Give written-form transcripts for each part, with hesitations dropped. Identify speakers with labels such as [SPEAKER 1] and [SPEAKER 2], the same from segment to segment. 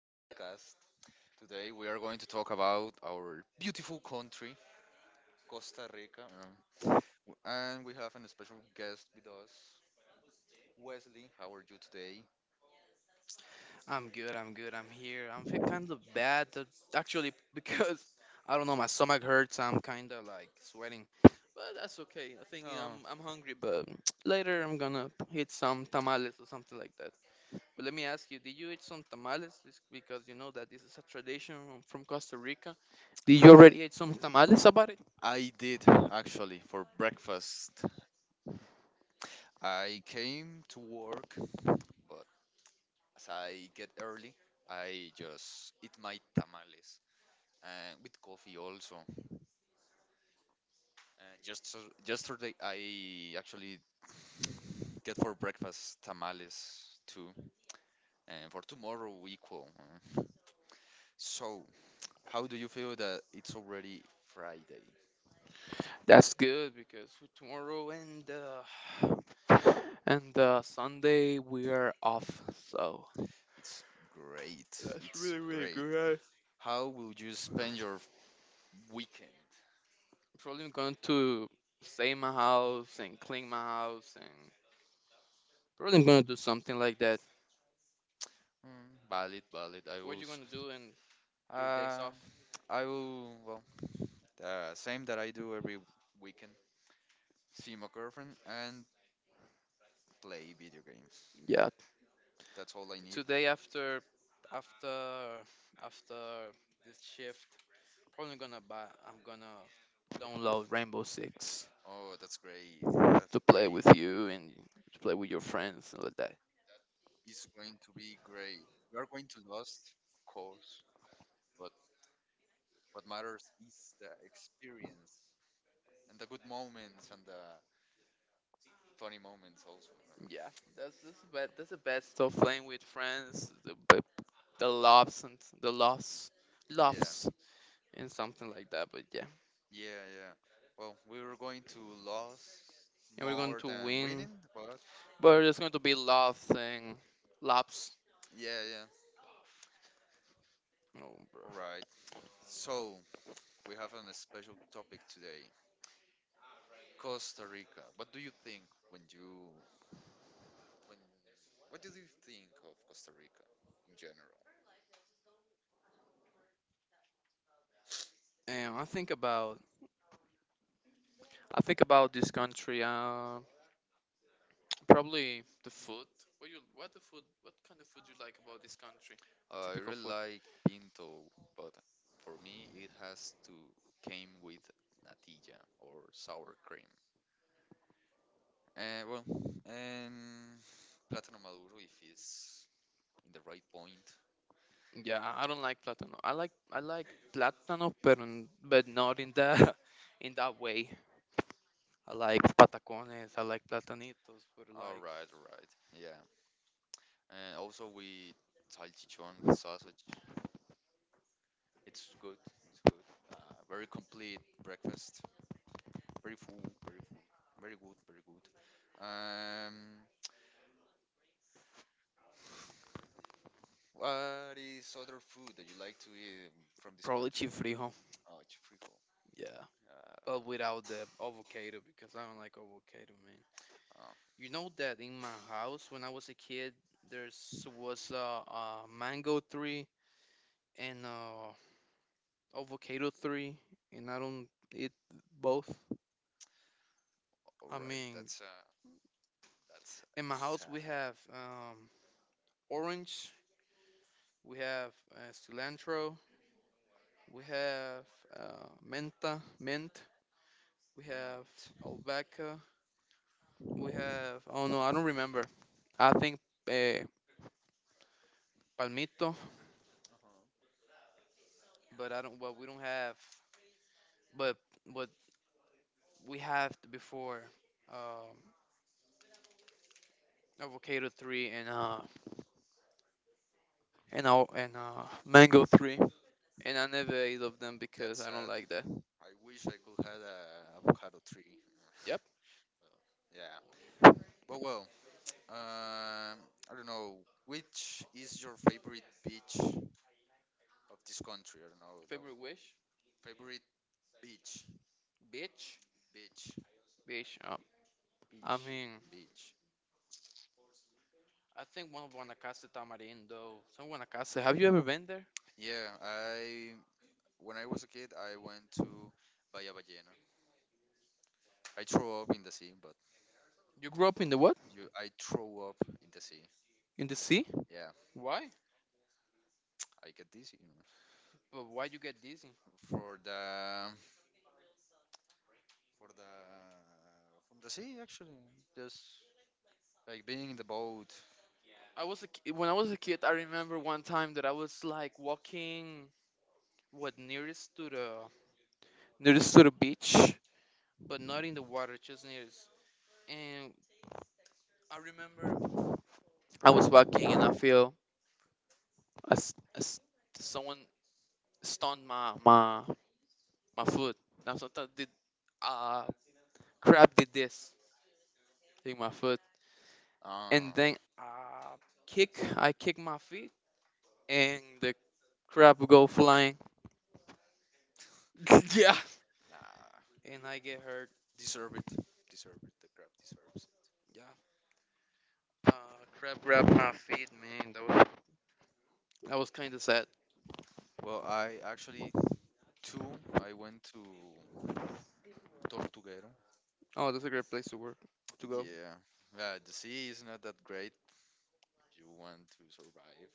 [SPEAKER 1] podcast. Today we are going to talk about our beautiful country, Costa Rica. And we have a special guest with us, Wesley. How are you today?
[SPEAKER 2] I'm good. I'm good. I'm here. I'm feel kind of bad that- actually because I don't know. My stomach hurts. I'm kind of like sweating, but that's okay. I think
[SPEAKER 1] No.
[SPEAKER 2] I'm hungry, but later I'm gonna eat some tamales or something like that. But let me ask you, did you eat some tamales? It's because you know that this is a tradition from Costa Rica. Did you already eat some tamales about it?
[SPEAKER 1] I did actually for breakfast. I came to work, but as I get early, I just eat my tamales and with coffee also. And just yesterday, I actually get for breakfast tamales too, and for tomorrow we equal. Mm. So, how do you feel that it's already Friday?
[SPEAKER 2] That's good because for tomorrow and and Sunday we are off. So.
[SPEAKER 1] It's great.
[SPEAKER 2] That's
[SPEAKER 1] It's
[SPEAKER 2] really, really
[SPEAKER 1] great.
[SPEAKER 2] good.
[SPEAKER 1] How will you spend your weekend?
[SPEAKER 2] Probably I'm going to save my house and clean my house and probably I'm going to do something like that.
[SPEAKER 1] Mm, valid, valid. I
[SPEAKER 2] What
[SPEAKER 1] will.
[SPEAKER 2] you going to do in your days
[SPEAKER 1] Uh,
[SPEAKER 2] off?
[SPEAKER 1] I will. Well, the same that I do every weekend. See my girlfriend and play video games.
[SPEAKER 2] Yeah,
[SPEAKER 1] That's all I need.
[SPEAKER 2] today after after this shift, probably gonna buy. I'm gonna download Rainbow Six
[SPEAKER 1] Oh, that's great.
[SPEAKER 2] to play with you and to play with your friends and like that.
[SPEAKER 1] It's going to be great. We are going to lost, of course, but what matters is the experience and the good moments and the funny moments also.
[SPEAKER 2] Yeah, that's the best. That's the best of playing with friends. The loves and the loss,
[SPEAKER 1] Yeah,
[SPEAKER 2] loves. And something like that. But yeah,
[SPEAKER 1] yeah, yeah. Well, we were going to lose
[SPEAKER 2] and we're going
[SPEAKER 1] more
[SPEAKER 2] to
[SPEAKER 1] than
[SPEAKER 2] win.
[SPEAKER 1] winning, but
[SPEAKER 2] But it's going to be love thing, laps.
[SPEAKER 1] yeah, yeah.
[SPEAKER 2] Oh, bro.
[SPEAKER 1] All right. So we have a special topic today, Costa Rica. What do you think when you when what do you think of Costa Rica in general?
[SPEAKER 2] And I think about this country. Probably the food. What kind of food you like about this country? A
[SPEAKER 1] I
[SPEAKER 2] typical
[SPEAKER 1] really
[SPEAKER 2] food.
[SPEAKER 1] like Pinto, but for me it has to came with natilla or sour cream. And well, and plátano maduro if it's in the right point.
[SPEAKER 2] Yeah, I don't like platano. I like platano, but not in that in that way. I like patacones. I like platanitos, but like
[SPEAKER 1] All right, yeah. And also with salchichon with sausage. It's good. It's good. Very complete breakfast. Very full. Very full. Very good. Very good. Um, what is other food that you like to eat from this?
[SPEAKER 2] probably chifrijo.
[SPEAKER 1] Oh, it's free.
[SPEAKER 2] Yeah,
[SPEAKER 1] Uh,
[SPEAKER 2] but without the avocado, because I don't like avocado, man.
[SPEAKER 1] oh,
[SPEAKER 2] You know that in my house when I was a kid, there's was a mango tree and a avocado tree, and I don't eat both.
[SPEAKER 1] all
[SPEAKER 2] I
[SPEAKER 1] right.
[SPEAKER 2] mean,
[SPEAKER 1] That's that's
[SPEAKER 2] in my house
[SPEAKER 1] sad.
[SPEAKER 2] we have orange, we have cilantro, we have menta, mint, we have
[SPEAKER 1] Meat.
[SPEAKER 2] albahaca, we have oh no, I don't remember. I think uh, palmito
[SPEAKER 1] Uh-huh.
[SPEAKER 2] but I don't. What we don't have, but what we have before, um, avocado three and mango three, and I never ate of them because
[SPEAKER 1] That's
[SPEAKER 2] I don't
[SPEAKER 1] sad.
[SPEAKER 2] like that.
[SPEAKER 1] I wish I could had a avocado tree.
[SPEAKER 2] Yep.
[SPEAKER 1] Yeah. But well, I don't know. Which is your favorite beach of this country? I don't know. The
[SPEAKER 2] Favorite wish,
[SPEAKER 1] favorite beach.
[SPEAKER 2] bitch,
[SPEAKER 1] Beach.
[SPEAKER 2] bitch. I mean,
[SPEAKER 1] Beach.
[SPEAKER 2] I think one of Guanacaste Tamarindo. Some Guanacaste. Have you ever been there?
[SPEAKER 1] Yeah. I when I was a kid, I went to Bahía Ballena. I threw up in the sea, but
[SPEAKER 2] You grew up in the what?
[SPEAKER 1] you, I throw up in the sea.
[SPEAKER 2] In the sea?
[SPEAKER 1] Yeah,
[SPEAKER 2] Why?
[SPEAKER 1] I get dizzy.
[SPEAKER 2] But why you get dizzy?
[SPEAKER 1] F- for the from the sea actually. Just like being in the boat.
[SPEAKER 2] I was a ki- When I was a kid. I remember one time that I was like walking what nearest to the near the sort of beach, but not in the water, just near. And I remember I was walking and I feel as someone stoned my foot. And sometimes did uh crab did this in my foot,
[SPEAKER 1] Uh,
[SPEAKER 2] and then kick I kick my feet and the crab go flying. Yeah,
[SPEAKER 1] nah,
[SPEAKER 2] and I get hurt.
[SPEAKER 1] deserve it. Deserve it. The crab deserves it.
[SPEAKER 2] Yeah, uh, crab grabbed my feet, man. That was kind of sad.
[SPEAKER 1] Well, I actually two. I went to Tortuguero.
[SPEAKER 2] Oh, that's a great place to work to go
[SPEAKER 1] Yeah, yeah. The sea is not that great. You want to survive.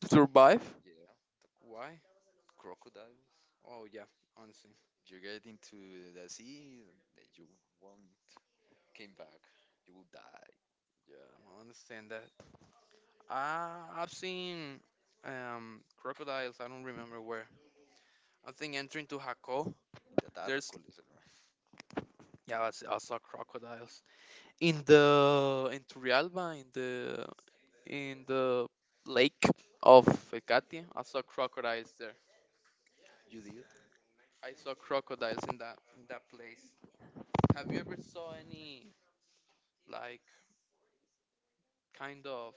[SPEAKER 2] to survive.
[SPEAKER 1] Yeah, the
[SPEAKER 2] Why?
[SPEAKER 1] crocodiles.
[SPEAKER 2] Oh yeah, honestly,
[SPEAKER 1] You get into the sea, you won't came back. You will die
[SPEAKER 2] yeah, I understand that. I've seen crocodiles. I don't remember where. I think entering to Jaco,
[SPEAKER 1] in the
[SPEAKER 2] there's
[SPEAKER 1] tarcoles.
[SPEAKER 2] yeah, I saw crocodiles in the in Turrialba in the lake of Ecate. I saw crocodiles there.
[SPEAKER 1] You did?
[SPEAKER 2] I saw crocodiles in that place. Have you ever saw any like kind of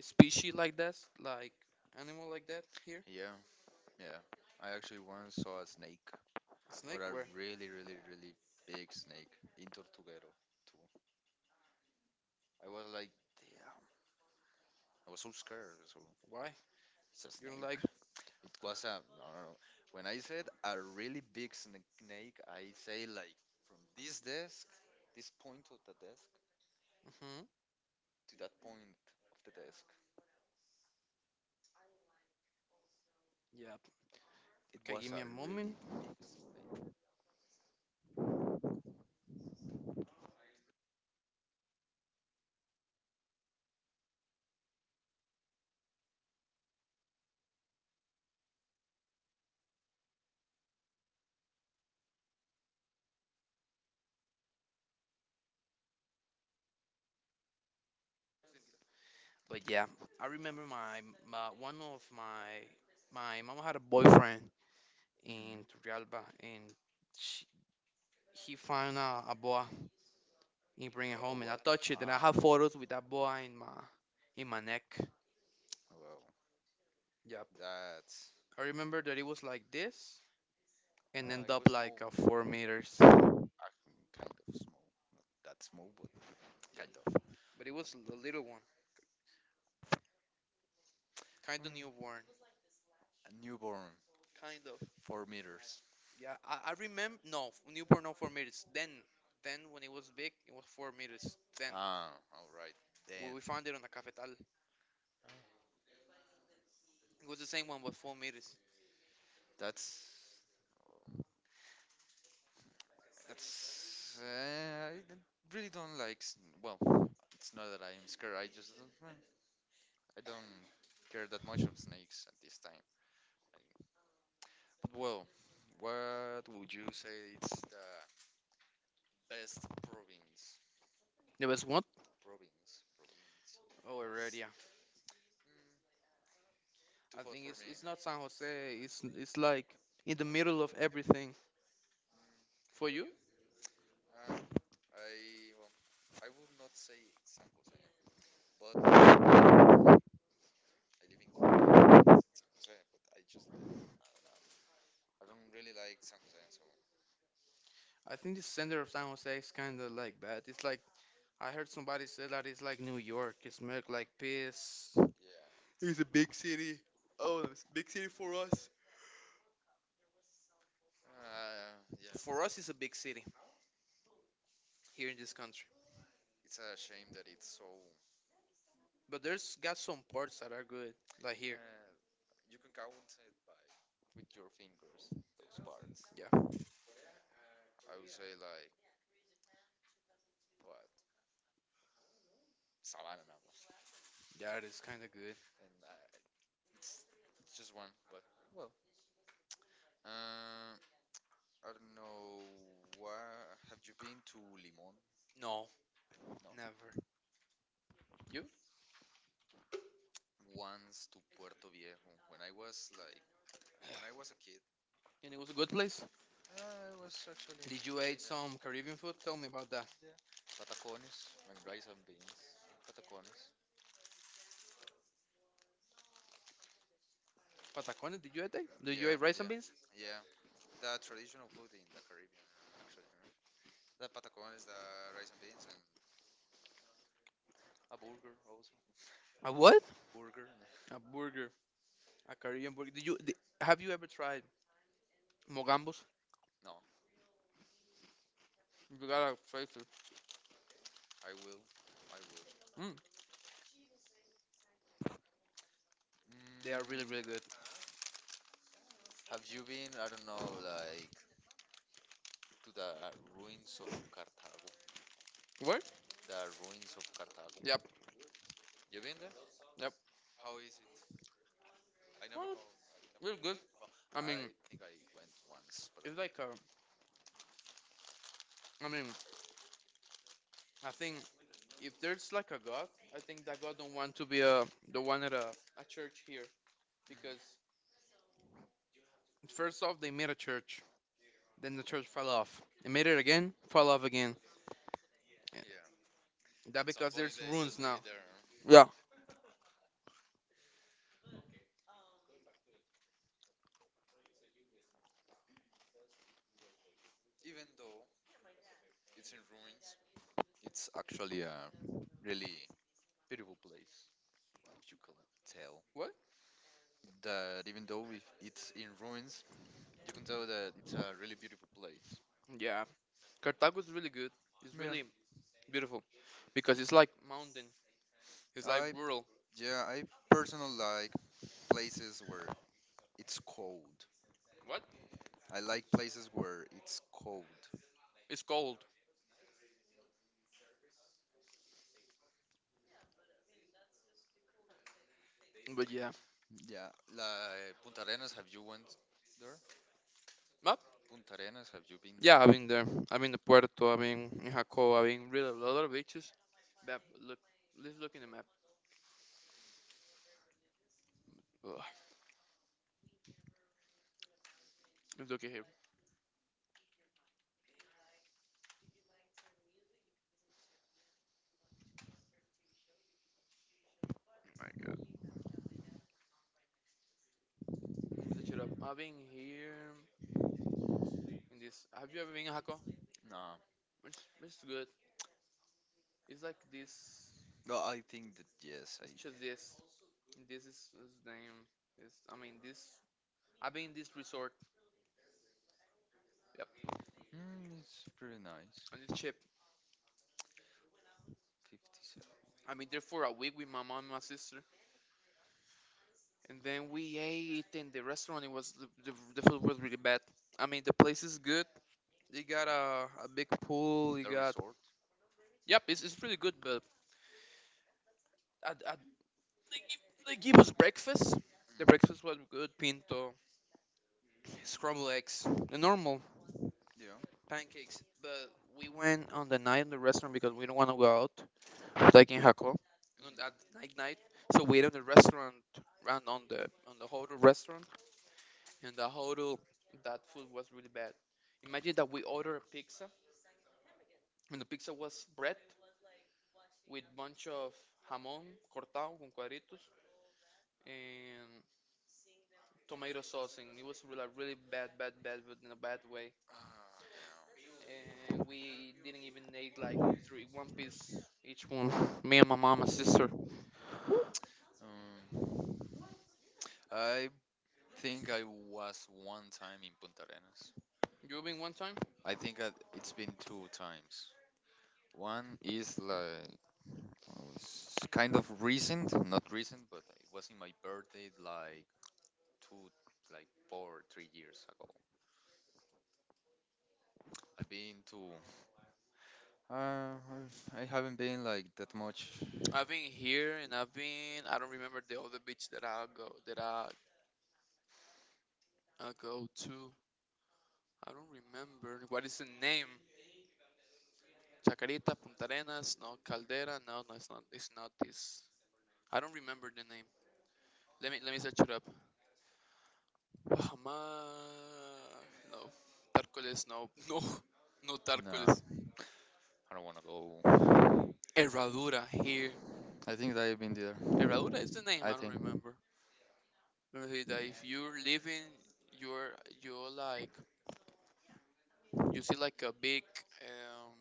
[SPEAKER 2] species like this, like animal like that here?
[SPEAKER 1] Yeah, yeah. I actually once saw a snake, but
[SPEAKER 2] Snake?
[SPEAKER 1] a
[SPEAKER 2] Where?
[SPEAKER 1] really, really, really big snake in Tortuguero too. I was like, damn, I was so scared. So
[SPEAKER 2] Why?
[SPEAKER 1] it's a
[SPEAKER 2] You don't
[SPEAKER 1] snake.
[SPEAKER 2] like?
[SPEAKER 1] It was a no, no, no. When I said a really big snake, I say like from this desk, this point of the desk
[SPEAKER 2] Hmm.
[SPEAKER 1] to that point of the desk.
[SPEAKER 2] Yeah.
[SPEAKER 1] It
[SPEAKER 2] Okay,
[SPEAKER 1] was
[SPEAKER 2] give me
[SPEAKER 1] a
[SPEAKER 2] a moment.
[SPEAKER 1] really big snake.
[SPEAKER 2] But yeah, I remember my one of my my mom had a boyfriend
[SPEAKER 1] Hmm.
[SPEAKER 2] in Turrialba, and she, he found a boa and bring it
[SPEAKER 1] A
[SPEAKER 2] home, and
[SPEAKER 1] what?
[SPEAKER 2] I touched it, and
[SPEAKER 1] Ah,
[SPEAKER 2] I have
[SPEAKER 1] boa.
[SPEAKER 2] photos with that boa in my neck.
[SPEAKER 1] Wow.
[SPEAKER 2] Yep.
[SPEAKER 1] That's
[SPEAKER 2] I remember that it was like this, and end
[SPEAKER 1] it was
[SPEAKER 2] up
[SPEAKER 1] small,
[SPEAKER 2] like 4 meters.
[SPEAKER 1] uh, kind of small, not that small, but
[SPEAKER 2] Yeah.
[SPEAKER 1] kind of.
[SPEAKER 2] But it was a little one, kind of
[SPEAKER 1] Mm.
[SPEAKER 2] newborn,
[SPEAKER 1] A newborn,
[SPEAKER 2] kind of.
[SPEAKER 1] 4 meters.
[SPEAKER 2] Yeah, I remember. No, newborn no 4 meters. Then when it was big, it was 4 meters. Then
[SPEAKER 1] Ah, all right.
[SPEAKER 2] we,
[SPEAKER 1] Then
[SPEAKER 2] we found it on the cafetal. It was the same one, but 4 meters.
[SPEAKER 1] that's that's. I really don't like. Well, it's not that I'm scared. I just don't. Well, I don't care that much of snakes at this time. I- But well, what would you say? It's the best province.
[SPEAKER 2] There was what?
[SPEAKER 1] Province.
[SPEAKER 2] Oh, Heredia.
[SPEAKER 1] Province. Mm, too
[SPEAKER 2] I
[SPEAKER 1] hot
[SPEAKER 2] think
[SPEAKER 1] for
[SPEAKER 2] it's
[SPEAKER 1] me.
[SPEAKER 2] it's not San Jose. It's like in the middle of everything.
[SPEAKER 1] Mm,
[SPEAKER 2] For you,
[SPEAKER 1] um, I well, I would not say San Jose, but I live in Jose, but I just like Corona. I don't really like San Jose, so
[SPEAKER 2] I think the center of San Jose is kind of like bad. It's like I heard somebody say that it's like New York. It smells like piss.
[SPEAKER 1] yeah,
[SPEAKER 2] It's a big city. Oh, it's a big city for us.
[SPEAKER 1] uh, yeah.
[SPEAKER 2] For us, it's a big city here in this country.
[SPEAKER 1] It's a shame that it's so. Uh,
[SPEAKER 2] But there's got some parts that are good, like here.
[SPEAKER 1] you can count it by with your fingers those parts.
[SPEAKER 2] Yeah,
[SPEAKER 1] I would say like what. It's a lot of
[SPEAKER 2] yeah, it is kind of good.
[SPEAKER 1] and it's just one. But well, I don't know. Where have you been to Limón?
[SPEAKER 2] No,
[SPEAKER 1] No,
[SPEAKER 2] never. You?
[SPEAKER 1] once to Puerto Viejo. When I was like, when I was a kid,
[SPEAKER 2] And it was a good place.
[SPEAKER 1] it was actually.
[SPEAKER 2] Did
[SPEAKER 1] You
[SPEAKER 2] you
[SPEAKER 1] really
[SPEAKER 2] eat
[SPEAKER 1] ate nice. Some
[SPEAKER 2] some
[SPEAKER 1] Caribbean
[SPEAKER 2] Caribbean food?
[SPEAKER 1] food.
[SPEAKER 2] Tell
[SPEAKER 1] Tell
[SPEAKER 2] me
[SPEAKER 1] me
[SPEAKER 2] about
[SPEAKER 1] about
[SPEAKER 2] that.
[SPEAKER 1] that? Yeah, patacones and rice and beans. Patacones.
[SPEAKER 2] Patacones? Did you eat that? Did you
[SPEAKER 1] Yeah,
[SPEAKER 2] eat
[SPEAKER 1] rice
[SPEAKER 2] rice
[SPEAKER 1] and
[SPEAKER 2] and
[SPEAKER 1] yeah,
[SPEAKER 2] beans?
[SPEAKER 1] beans? Yeah. The traditional food in the Caribbean, actually. The patacones, the rice and beans, and a burger also.
[SPEAKER 2] A what?
[SPEAKER 1] Burger. Eh.
[SPEAKER 2] A burger, a Caribbean burger. Did you? Did,
[SPEAKER 1] Yeah.
[SPEAKER 2] have you ever tried mogambos?
[SPEAKER 1] No,
[SPEAKER 2] You gotta try it.
[SPEAKER 1] I will. I will.
[SPEAKER 2] Mm,
[SPEAKER 1] Mm,
[SPEAKER 2] they are really, really good.
[SPEAKER 1] have you been, I don't know, like to the ruins of Cartago?
[SPEAKER 2] What?
[SPEAKER 1] The ruins of Cartago.
[SPEAKER 2] Yep,
[SPEAKER 1] You been there?
[SPEAKER 2] yep.
[SPEAKER 1] How is it? I never go. I never
[SPEAKER 2] Well, really good.
[SPEAKER 1] went. Well,
[SPEAKER 2] I mean,
[SPEAKER 1] I think I went once, but I
[SPEAKER 2] it's like
[SPEAKER 1] don't
[SPEAKER 2] a.
[SPEAKER 1] remember.
[SPEAKER 2] I mean, I think if there's like a God, I think that God don't want to be a the one at a church here.
[SPEAKER 1] Mhm.
[SPEAKER 2] Because first off they made a church, then the church fell off. They made it again, fell off again.
[SPEAKER 1] Yeah.
[SPEAKER 2] That
[SPEAKER 1] At some
[SPEAKER 2] because
[SPEAKER 1] point,
[SPEAKER 2] there's
[SPEAKER 1] they just
[SPEAKER 2] ruins
[SPEAKER 1] leave
[SPEAKER 2] now.
[SPEAKER 1] it there. Huh?
[SPEAKER 2] Yeah.
[SPEAKER 1] Even though it's in ruins, it's actually a really beautiful place, if you could tell.
[SPEAKER 2] What?
[SPEAKER 1] That even though if it's in ruins, you can tell that it's a really beautiful place.
[SPEAKER 2] Yeah, Cartago is really good. It's
[SPEAKER 1] Yeah,
[SPEAKER 2] really beautiful because it's like mountain. It's like
[SPEAKER 1] I
[SPEAKER 2] rural.
[SPEAKER 1] yeah I personally like places where it's cold.
[SPEAKER 2] What?
[SPEAKER 1] I like places where it's cold.
[SPEAKER 2] It's cold. But yeah,
[SPEAKER 1] Yeah, like Punta Arenas. Have you went there?
[SPEAKER 2] but
[SPEAKER 1] Punta Arenas. Have you been
[SPEAKER 2] yeah,
[SPEAKER 1] there?
[SPEAKER 2] I've been there. I've been to Puerto. I've been in Jacob. I've been really a lot of beaches. Map. Look, let's look in the map. Ugh. Let's look at here. Oh my God. Let me set it up. I've been here in this. Have you ever been in Jacob?
[SPEAKER 1] No.
[SPEAKER 2] It's good. It's like this.
[SPEAKER 1] Well, I think that yes, I.
[SPEAKER 2] It's just this. This is his name. It's, I mean, this. I've been in this resort. Yep,
[SPEAKER 1] Mm, it's pretty nice.
[SPEAKER 2] on this ship.
[SPEAKER 1] 57.
[SPEAKER 2] I mean, there for a week with my mom and my sister, and then we ate in the restaurant. It was the food was really bad. I mean, the place is good. You got a big pool. You
[SPEAKER 1] The
[SPEAKER 2] got
[SPEAKER 1] resort.
[SPEAKER 2] yep, it's pretty good. But I, I, they give us breakfast. The
[SPEAKER 1] Mm,
[SPEAKER 2] breakfast was good: pinto, scrambled eggs, the normal
[SPEAKER 1] yeah.
[SPEAKER 2] pancakes, but we went on the night in the restaurant because we don't want to go out, like in Jaco, on that
[SPEAKER 1] Mhm.
[SPEAKER 2] night night. So we ate on the restaurant, ran on the hotel restaurant, and the hotel that food was really bad. Imagine that we ordered a pizza, and the pizza was bread with bunch of jamón cortado con cuadritos and tomato sauce, and it was really, like, really bad, bad, bad, but in a bad way.
[SPEAKER 1] Ah,
[SPEAKER 2] And we didn't even eat like three, one piece each one. Me and my mom and sister.
[SPEAKER 1] damn. I think I was one time in Punta Arenas.
[SPEAKER 2] You've been one time?
[SPEAKER 1] I think it's been 2 times. One is like oh, it's kind of recent, not recent, but it was in my birthday like two, like four, 3 years ago. I've been to. Uh, I haven't been like that much.
[SPEAKER 2] I've been here and I've been I don't remember the other beach that I go to. I don't remember. What is the name? Chacarita, Punta Arenas, no Caldera, no no it's not this. I don't remember the name. Let me search it up. Bahamar no. Tárcoles no no no
[SPEAKER 1] No,
[SPEAKER 2] Tárcoles.
[SPEAKER 1] I don't want to go.
[SPEAKER 2] Herradura here.
[SPEAKER 1] I think that I've been there.
[SPEAKER 2] Herradura is the name,
[SPEAKER 1] I
[SPEAKER 2] I don't
[SPEAKER 1] think
[SPEAKER 2] remember. Let me see that if you're living you're you're like You see like a big um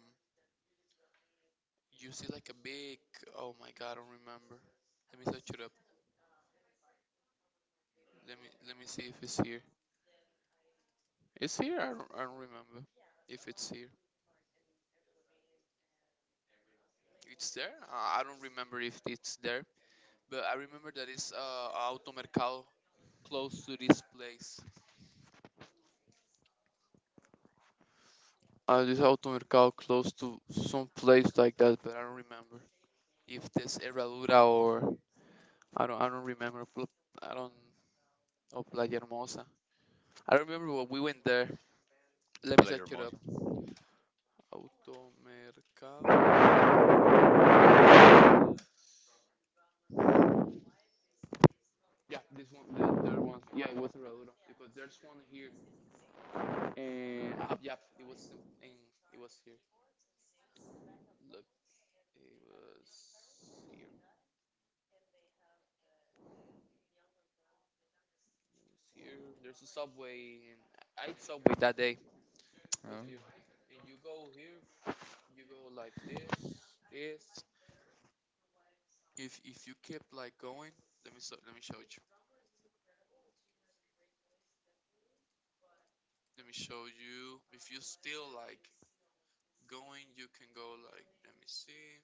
[SPEAKER 2] you see like a big oh my god, I don't remember. Let me search it up. Let me see if it's here. It's here? I don't remember if it's here. It's there? I don't remember if it's there, but I remember that it's automercado close to this place. This automercado close to some place like that, but I don't remember if there's Herradura or I don't remember. I don't know Playa Hermosa. I remember when we went there.
[SPEAKER 1] the
[SPEAKER 2] Let me
[SPEAKER 1] Playa
[SPEAKER 2] search it up.
[SPEAKER 1] Hermosa.
[SPEAKER 2] Automercado. Let me search it up real. Yeah, this one, the, there ones. Yeah, it was in Raduro because there's one here. And yeah, it was in- it was here. Look, it was here. It was here. There's a subway, and I ate subway that day. It was
[SPEAKER 1] Oh.
[SPEAKER 2] here. And you go here, you go like this, this. If you keep like going, let me so, let me show you. Let me show you. If you still like going, you can go like. Let me see.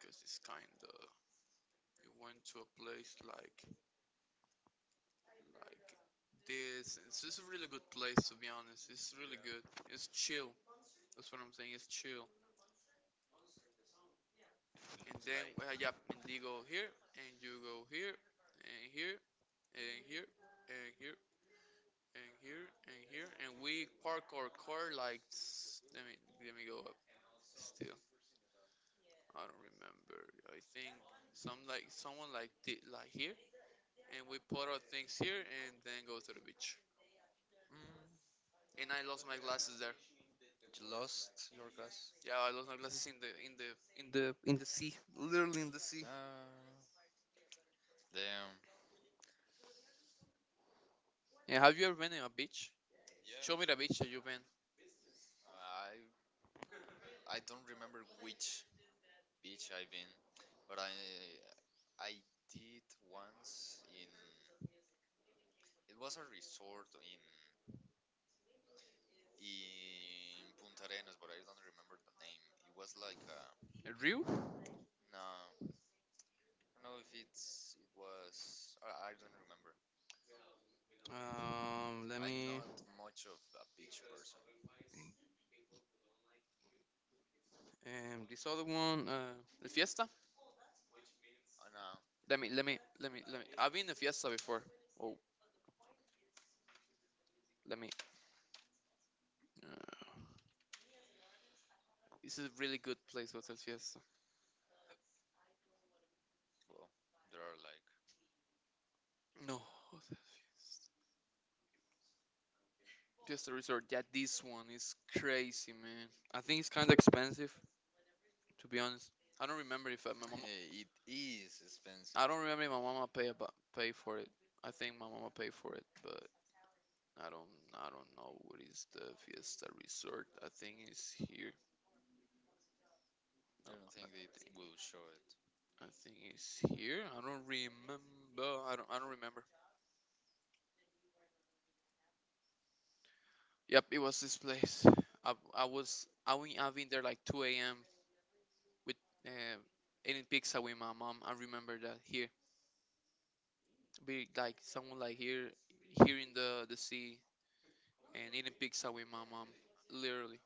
[SPEAKER 2] Because it's kind of We went to a place like this and it's just a really good place, to be honest. It's really good, it's chill. That's what I'm saying, it's chill. And then well, yeah,
[SPEAKER 1] Like
[SPEAKER 2] and you go here, and you go here, and here, and here, and here, and here, and here, and we park our car like let me go up still. I don't remember. I think some someone like did like here, and we put our things here, and then go to the beach,
[SPEAKER 1] mm,
[SPEAKER 2] and I lost my glasses there.
[SPEAKER 1] you lost your glass.
[SPEAKER 2] Yeah, I lost my glasses in the sea, literally in the sea.
[SPEAKER 1] Uh, damn.
[SPEAKER 2] Yeah, have you ever been in a beach? Show me the beach
[SPEAKER 1] Yeah.
[SPEAKER 2] that you've been.
[SPEAKER 1] I I don't remember which beach I've been, but I did once in it was a resort in Punta Arenas, but I don't remember the name. It was like a
[SPEAKER 2] Rio.
[SPEAKER 1] no, I don't know if it was I, don't remember.
[SPEAKER 2] Let
[SPEAKER 1] I'm
[SPEAKER 2] me.
[SPEAKER 1] not much of a beach person.
[SPEAKER 2] This other one. The Fiesta.
[SPEAKER 1] I know.
[SPEAKER 2] Let me. Let me. Let me. Let me. I've been to Fiesta before. Oh, let me. Uh, this is a really good place, Hotel Fiesta.
[SPEAKER 1] Well, there are like
[SPEAKER 2] No, Hotel Fiesta. Fiesta Resort. Yeah, this one is crazy, man. I think it's kind of expensive, to be honest. I don't remember if I, my mom
[SPEAKER 1] Hey, it is expensive.
[SPEAKER 2] I
[SPEAKER 1] I
[SPEAKER 2] don't remember if my mama pay for it. I think my mama pay for it, but I don't know what is the Fiesta Resort. I think it's here. No,
[SPEAKER 1] don't
[SPEAKER 2] I
[SPEAKER 1] think they
[SPEAKER 2] think
[SPEAKER 1] will show it.
[SPEAKER 2] I think it's here. I don't remember. I don't remember. Yep, it was this place. I was I went I've been there like 2 a.m. with uh, eating pizza with my mom. I remember that here, be like someone like here, here in the sea and eating pizza with my mom. Literally,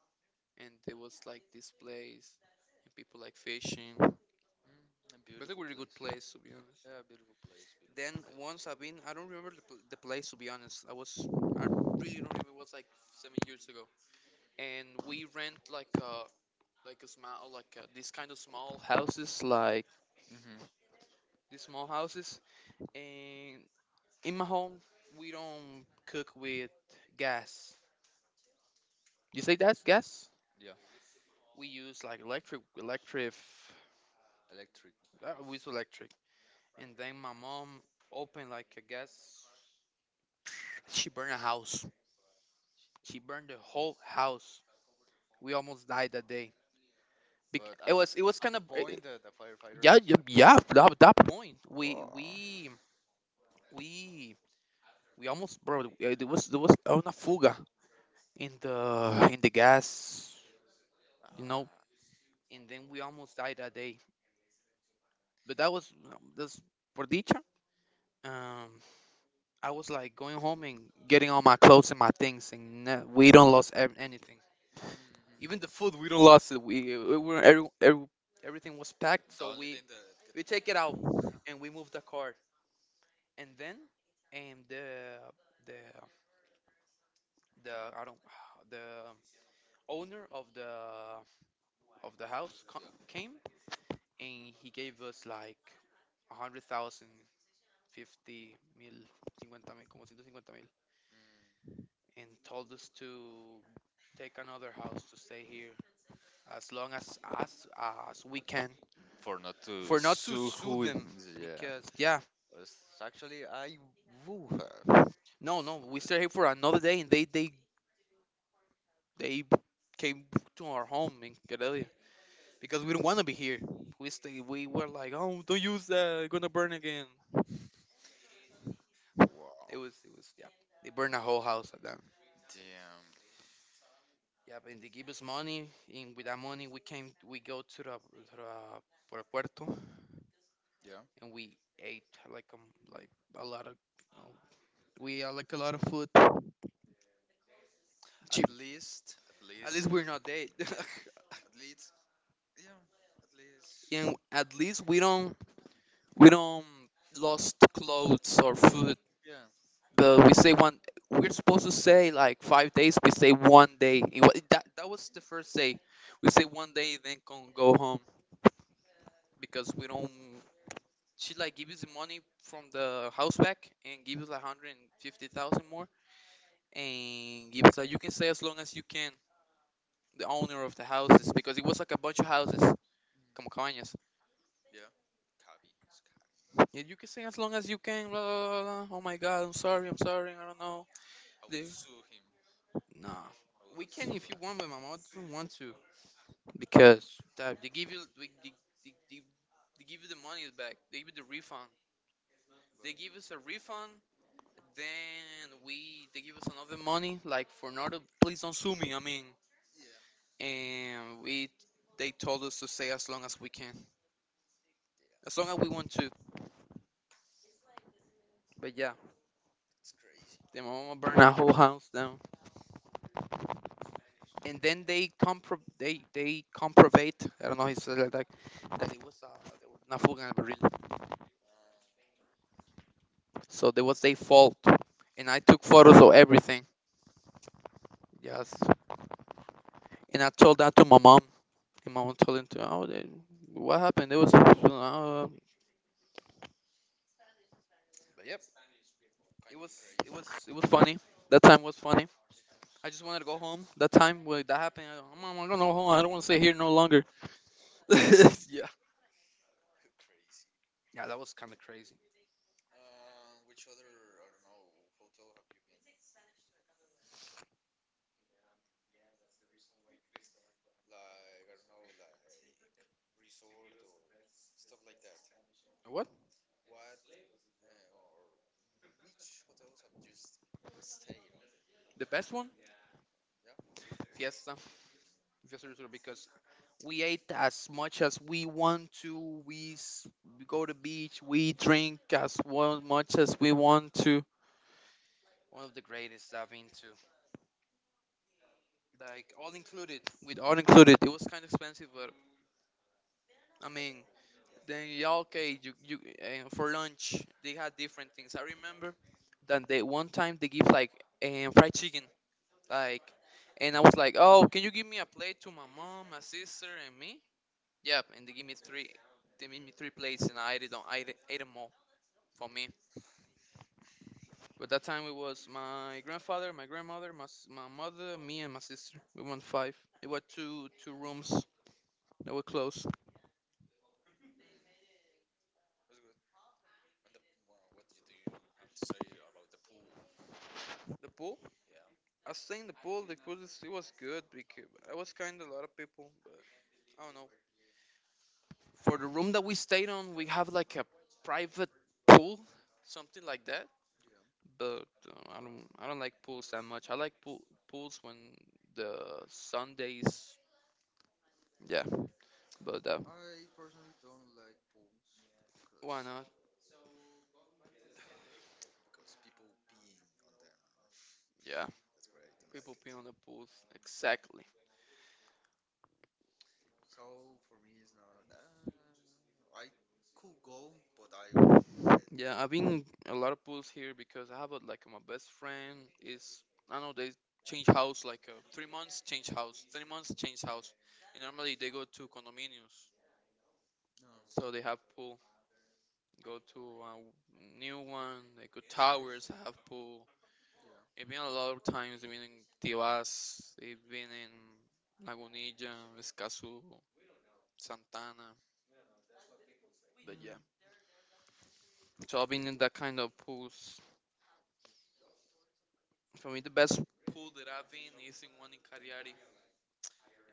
[SPEAKER 2] and there was like this place and people like fishing. But
[SPEAKER 1] Mm, a
[SPEAKER 2] it's a
[SPEAKER 1] beautiful
[SPEAKER 2] really good
[SPEAKER 1] place.
[SPEAKER 2] place, to be honest.
[SPEAKER 1] Yeah, beautiful place,
[SPEAKER 2] Then
[SPEAKER 1] beautiful place.
[SPEAKER 2] once I've been, I don't remember the place, to be honest. I was, I
[SPEAKER 1] Hmm.
[SPEAKER 2] really don't remember. It was like 7 years ago, and we rent like a small like a, this kind of small houses, like these small houses. And in my home, we don't cook with gas. You say that gas?
[SPEAKER 1] Yeah,
[SPEAKER 2] We use like electric.
[SPEAKER 1] electric.
[SPEAKER 2] We use electric. And then my mom opened like a gas. She burned a house. She burned the whole house. We almost died that day.
[SPEAKER 1] But
[SPEAKER 2] It was
[SPEAKER 1] at
[SPEAKER 2] it was kind
[SPEAKER 1] the
[SPEAKER 2] of
[SPEAKER 1] point that the firefighter.
[SPEAKER 2] yeah, yeah, yeah. That point
[SPEAKER 1] Oh.
[SPEAKER 2] we we almost, bro. It was there was una fuga in the gas, you know.
[SPEAKER 1] Ah.
[SPEAKER 2] And then we almost died that day. But that was this por dicha. Um, I was like going home and getting all my clothes and my things, and we don't lost anything.
[SPEAKER 1] Mhm.
[SPEAKER 2] Even the food we don't lost it. We were everything was packed,
[SPEAKER 1] The
[SPEAKER 2] so
[SPEAKER 1] only thing that.
[SPEAKER 2] we take it out
[SPEAKER 1] Mm.
[SPEAKER 2] and we move the car. And then and the the I don't the owner of the house came and he gave us like a hundred thousand 50 mil, cincuenta mil, como ciento cincuenta mil, and told us to take another house to stay here as long as as we can,
[SPEAKER 1] For not to
[SPEAKER 2] for not to
[SPEAKER 1] sue
[SPEAKER 2] sue
[SPEAKER 1] who.
[SPEAKER 2] them
[SPEAKER 1] Yeah.
[SPEAKER 2] because yeah.
[SPEAKER 1] It's actually, I woo her.
[SPEAKER 2] No, no, we
[SPEAKER 1] It's
[SPEAKER 2] stayed here for another day and they came to our home in Karelia because we didn't want to be here. We were like, oh, don't use that, it's gonna burn again.
[SPEAKER 1] really-
[SPEAKER 2] it
[SPEAKER 1] Wow.
[SPEAKER 2] was it was yeah, they burned the whole house at them.
[SPEAKER 1] Damn.
[SPEAKER 2] Yeah, and they give us money, and with that money we came, we go to the Puerto, Puerto
[SPEAKER 1] Yeah.
[SPEAKER 2] and we ate like like a lot of you know, we like a lot of food cheap.
[SPEAKER 1] At
[SPEAKER 2] At least
[SPEAKER 1] least got.
[SPEAKER 2] we're not dead.
[SPEAKER 1] Yeah. At least. Yeah. At least.
[SPEAKER 2] and at least we don't, we don't lost clothes or food,
[SPEAKER 1] Yeah.
[SPEAKER 2] but we're supposed to say like 5 days, we say one day. That, that was the first day we say one day, then can go home because we don't she like give us the money from the house back and give us like 150,000 more, and give us like, you can stay as long as you can. The owner of the houses, because it was like a bunch of houses, como
[SPEAKER 1] Mm,
[SPEAKER 2] cabañas.
[SPEAKER 1] yeah. Kabi. It's Kabi.
[SPEAKER 2] Yeah, you can sing as long as you can. Blah blah blah, blah. Oh my God, I'm sorry, I'm sorry, I don't know.
[SPEAKER 1] I will
[SPEAKER 2] They,
[SPEAKER 1] sue him.
[SPEAKER 2] nah,
[SPEAKER 1] I will
[SPEAKER 2] we
[SPEAKER 1] have sue
[SPEAKER 2] can if you
[SPEAKER 1] him.
[SPEAKER 2] want, but my mom doesn't want to because they give you we, they, they, they give you the money back. They give you the refund. They give us a refund.
[SPEAKER 1] Well,
[SPEAKER 2] Then we they give us another money like for not to, please don't sue me. I mean,
[SPEAKER 1] yeah.
[SPEAKER 2] and we they told us to stay as long as we can, as long as we want to. But yeah,
[SPEAKER 1] It's crazy.
[SPEAKER 2] then my mama burned our whole house down. And then they comprovate, I don't know how you say it like that, that it was there was una fuga en el barril.
[SPEAKER 1] Ah,
[SPEAKER 2] So there was their fault, and I took photos of everything. Yes, and I told that to my mom, and my mom told him to, oh they, what happened? It was but
[SPEAKER 1] it
[SPEAKER 2] yep,
[SPEAKER 1] kind
[SPEAKER 2] it
[SPEAKER 1] of was
[SPEAKER 2] was it
[SPEAKER 1] crazy.
[SPEAKER 2] was it was funny. That time was funny. I just wanted to go home. That time when that happened, I go, mom, I'm gonna go home. I don't want to stay here no longer. yeah,
[SPEAKER 1] crazy.
[SPEAKER 2] yeah, that was kind of crazy.
[SPEAKER 1] Which other I don't know hotel have you been? Like I don't know, like resort or stuff like that.
[SPEAKER 2] What?
[SPEAKER 1] What or which hotels have you stayed on?
[SPEAKER 2] The best one?
[SPEAKER 1] Yeah, that's
[SPEAKER 2] Fiesta. Fiesta Resort, because we ate as much as we want to. We go to beach. We drink as well, much as we want to. One of the greatest I've been to. Like all included, with all included, it was kind of expensive, but I mean, then yeah, okay, you for lunch they had different things. I remember that they one time they give like fried chicken, like, and I was like, oh, can you give me a plate to my mom, my sister, and me? Yep, and they give me three plates, and I ate it on, I ate, ate 'em for me. But that time it was my grandfather, my grandmother, my mother, me, and my sister. We went five. It was two rooms that were close.
[SPEAKER 1] good. And the well, what do you have to say about the pool?
[SPEAKER 2] The pool? I was saying the pool. It was good because I was kind of a lot of people, but I don't know. For the room that we stayed on, we have like a private pool, something like that.
[SPEAKER 1] Yeah.
[SPEAKER 2] But I don't like pools that much. I like pools when the Sundays. Yeah, but
[SPEAKER 1] I personally don't like pools
[SPEAKER 2] why
[SPEAKER 1] because
[SPEAKER 2] not?
[SPEAKER 1] people peeing on them.
[SPEAKER 2] Yeah.
[SPEAKER 1] That's what I don't like
[SPEAKER 2] People
[SPEAKER 1] it.
[SPEAKER 2] pee on the pools. Exactly.
[SPEAKER 1] So for me, it's not. Nah, I could go, but I
[SPEAKER 2] Yeah, I've been a lot of pools here because I have a, like my best friend is, I know they change house like 3 months change house, and normally they go to condominiums,
[SPEAKER 1] no.
[SPEAKER 2] so they
[SPEAKER 1] Yeah.
[SPEAKER 2] have pool. Go to a new one. They go towers have pool. I've been a lot of times. I've been in Tibas. I've been in Lagunilla, Escazú, Santana. But
[SPEAKER 1] Mm,
[SPEAKER 2] yeah, so I've been in that kind of pools. For me, the best pool that I've been is in one in Cariari,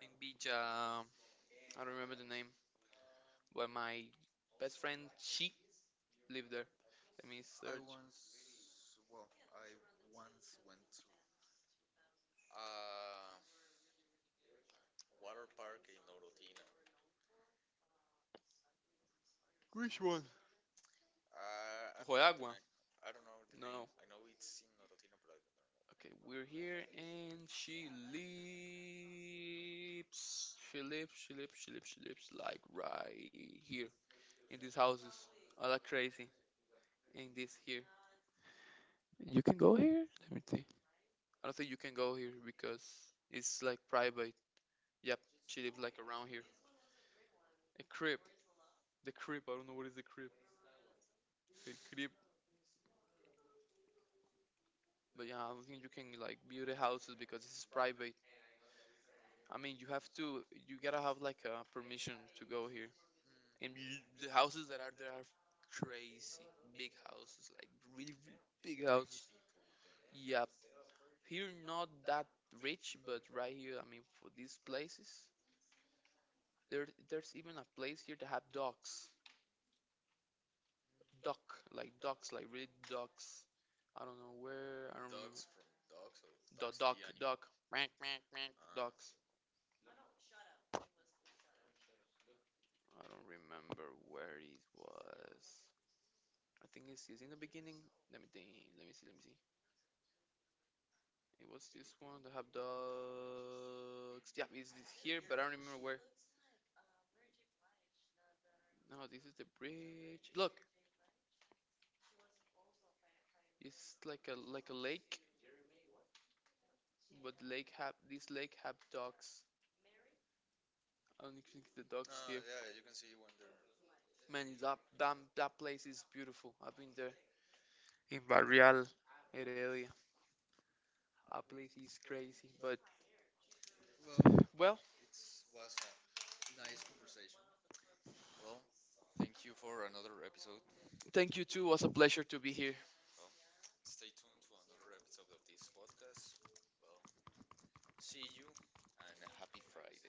[SPEAKER 2] in beach. I don't remember the name, but my best friend, she lived there. Let me
[SPEAKER 1] I
[SPEAKER 2] search.
[SPEAKER 1] once, well, I once went to a water park in Orotina. I don't
[SPEAKER 2] Ojo de
[SPEAKER 1] know. The,
[SPEAKER 2] Agua.
[SPEAKER 1] I don't know the name.
[SPEAKER 2] No.
[SPEAKER 1] I know it's in Orotina, but I
[SPEAKER 2] Okay, we're here and she lives like right here in these houses. All like crazy in this here. You can go here? Let me see. I don't think you can go here because it's like private. Yep, she lives like around here. A crib. The crib, I don't know what is the crib. The crib, but yeah, I don't think you can like build a houses because this is private. I mean, you gotta have like a permission to go here.
[SPEAKER 1] don't know.
[SPEAKER 2] And you, the houses that are there are crazy big houses, like really,
[SPEAKER 1] Mm,
[SPEAKER 2] really big houses.
[SPEAKER 1] people. Then.
[SPEAKER 2] Yeah, here not that rich, but right here, I mean, for these places, there's even a place here that have dogs, duck, like ducks, like really ducks. I don't know where, I don't remember.
[SPEAKER 1] Dogs from Dogs or Dog
[SPEAKER 2] The
[SPEAKER 1] the animal? Ah.
[SPEAKER 2] ducks. I don't remember where it was. I think it's in the beginning. Let me think. Let me see. It was this one that have dogs. Yeah, it's this here, but I don't remember where. No, this is the bridge. Look, it's like a lake, but the lake have this lake have dogs. I don't think the dogs
[SPEAKER 1] Ah,
[SPEAKER 2] here.
[SPEAKER 1] yeah, you can see when they're.
[SPEAKER 2] Man, that place is beautiful. I've been there in Barrial, Heredia. That place is crazy. But
[SPEAKER 1] Well,
[SPEAKER 2] well,
[SPEAKER 1] it was a nice conversation. Well, thank you for another episode.
[SPEAKER 2] thank you
[SPEAKER 1] It
[SPEAKER 2] too. It
[SPEAKER 1] was
[SPEAKER 2] was
[SPEAKER 1] a
[SPEAKER 2] a
[SPEAKER 1] pleasure.
[SPEAKER 2] pleasure to be here.
[SPEAKER 1] Well, stay tuned to another episode of this podcast. Well, see you. And a happy Friday.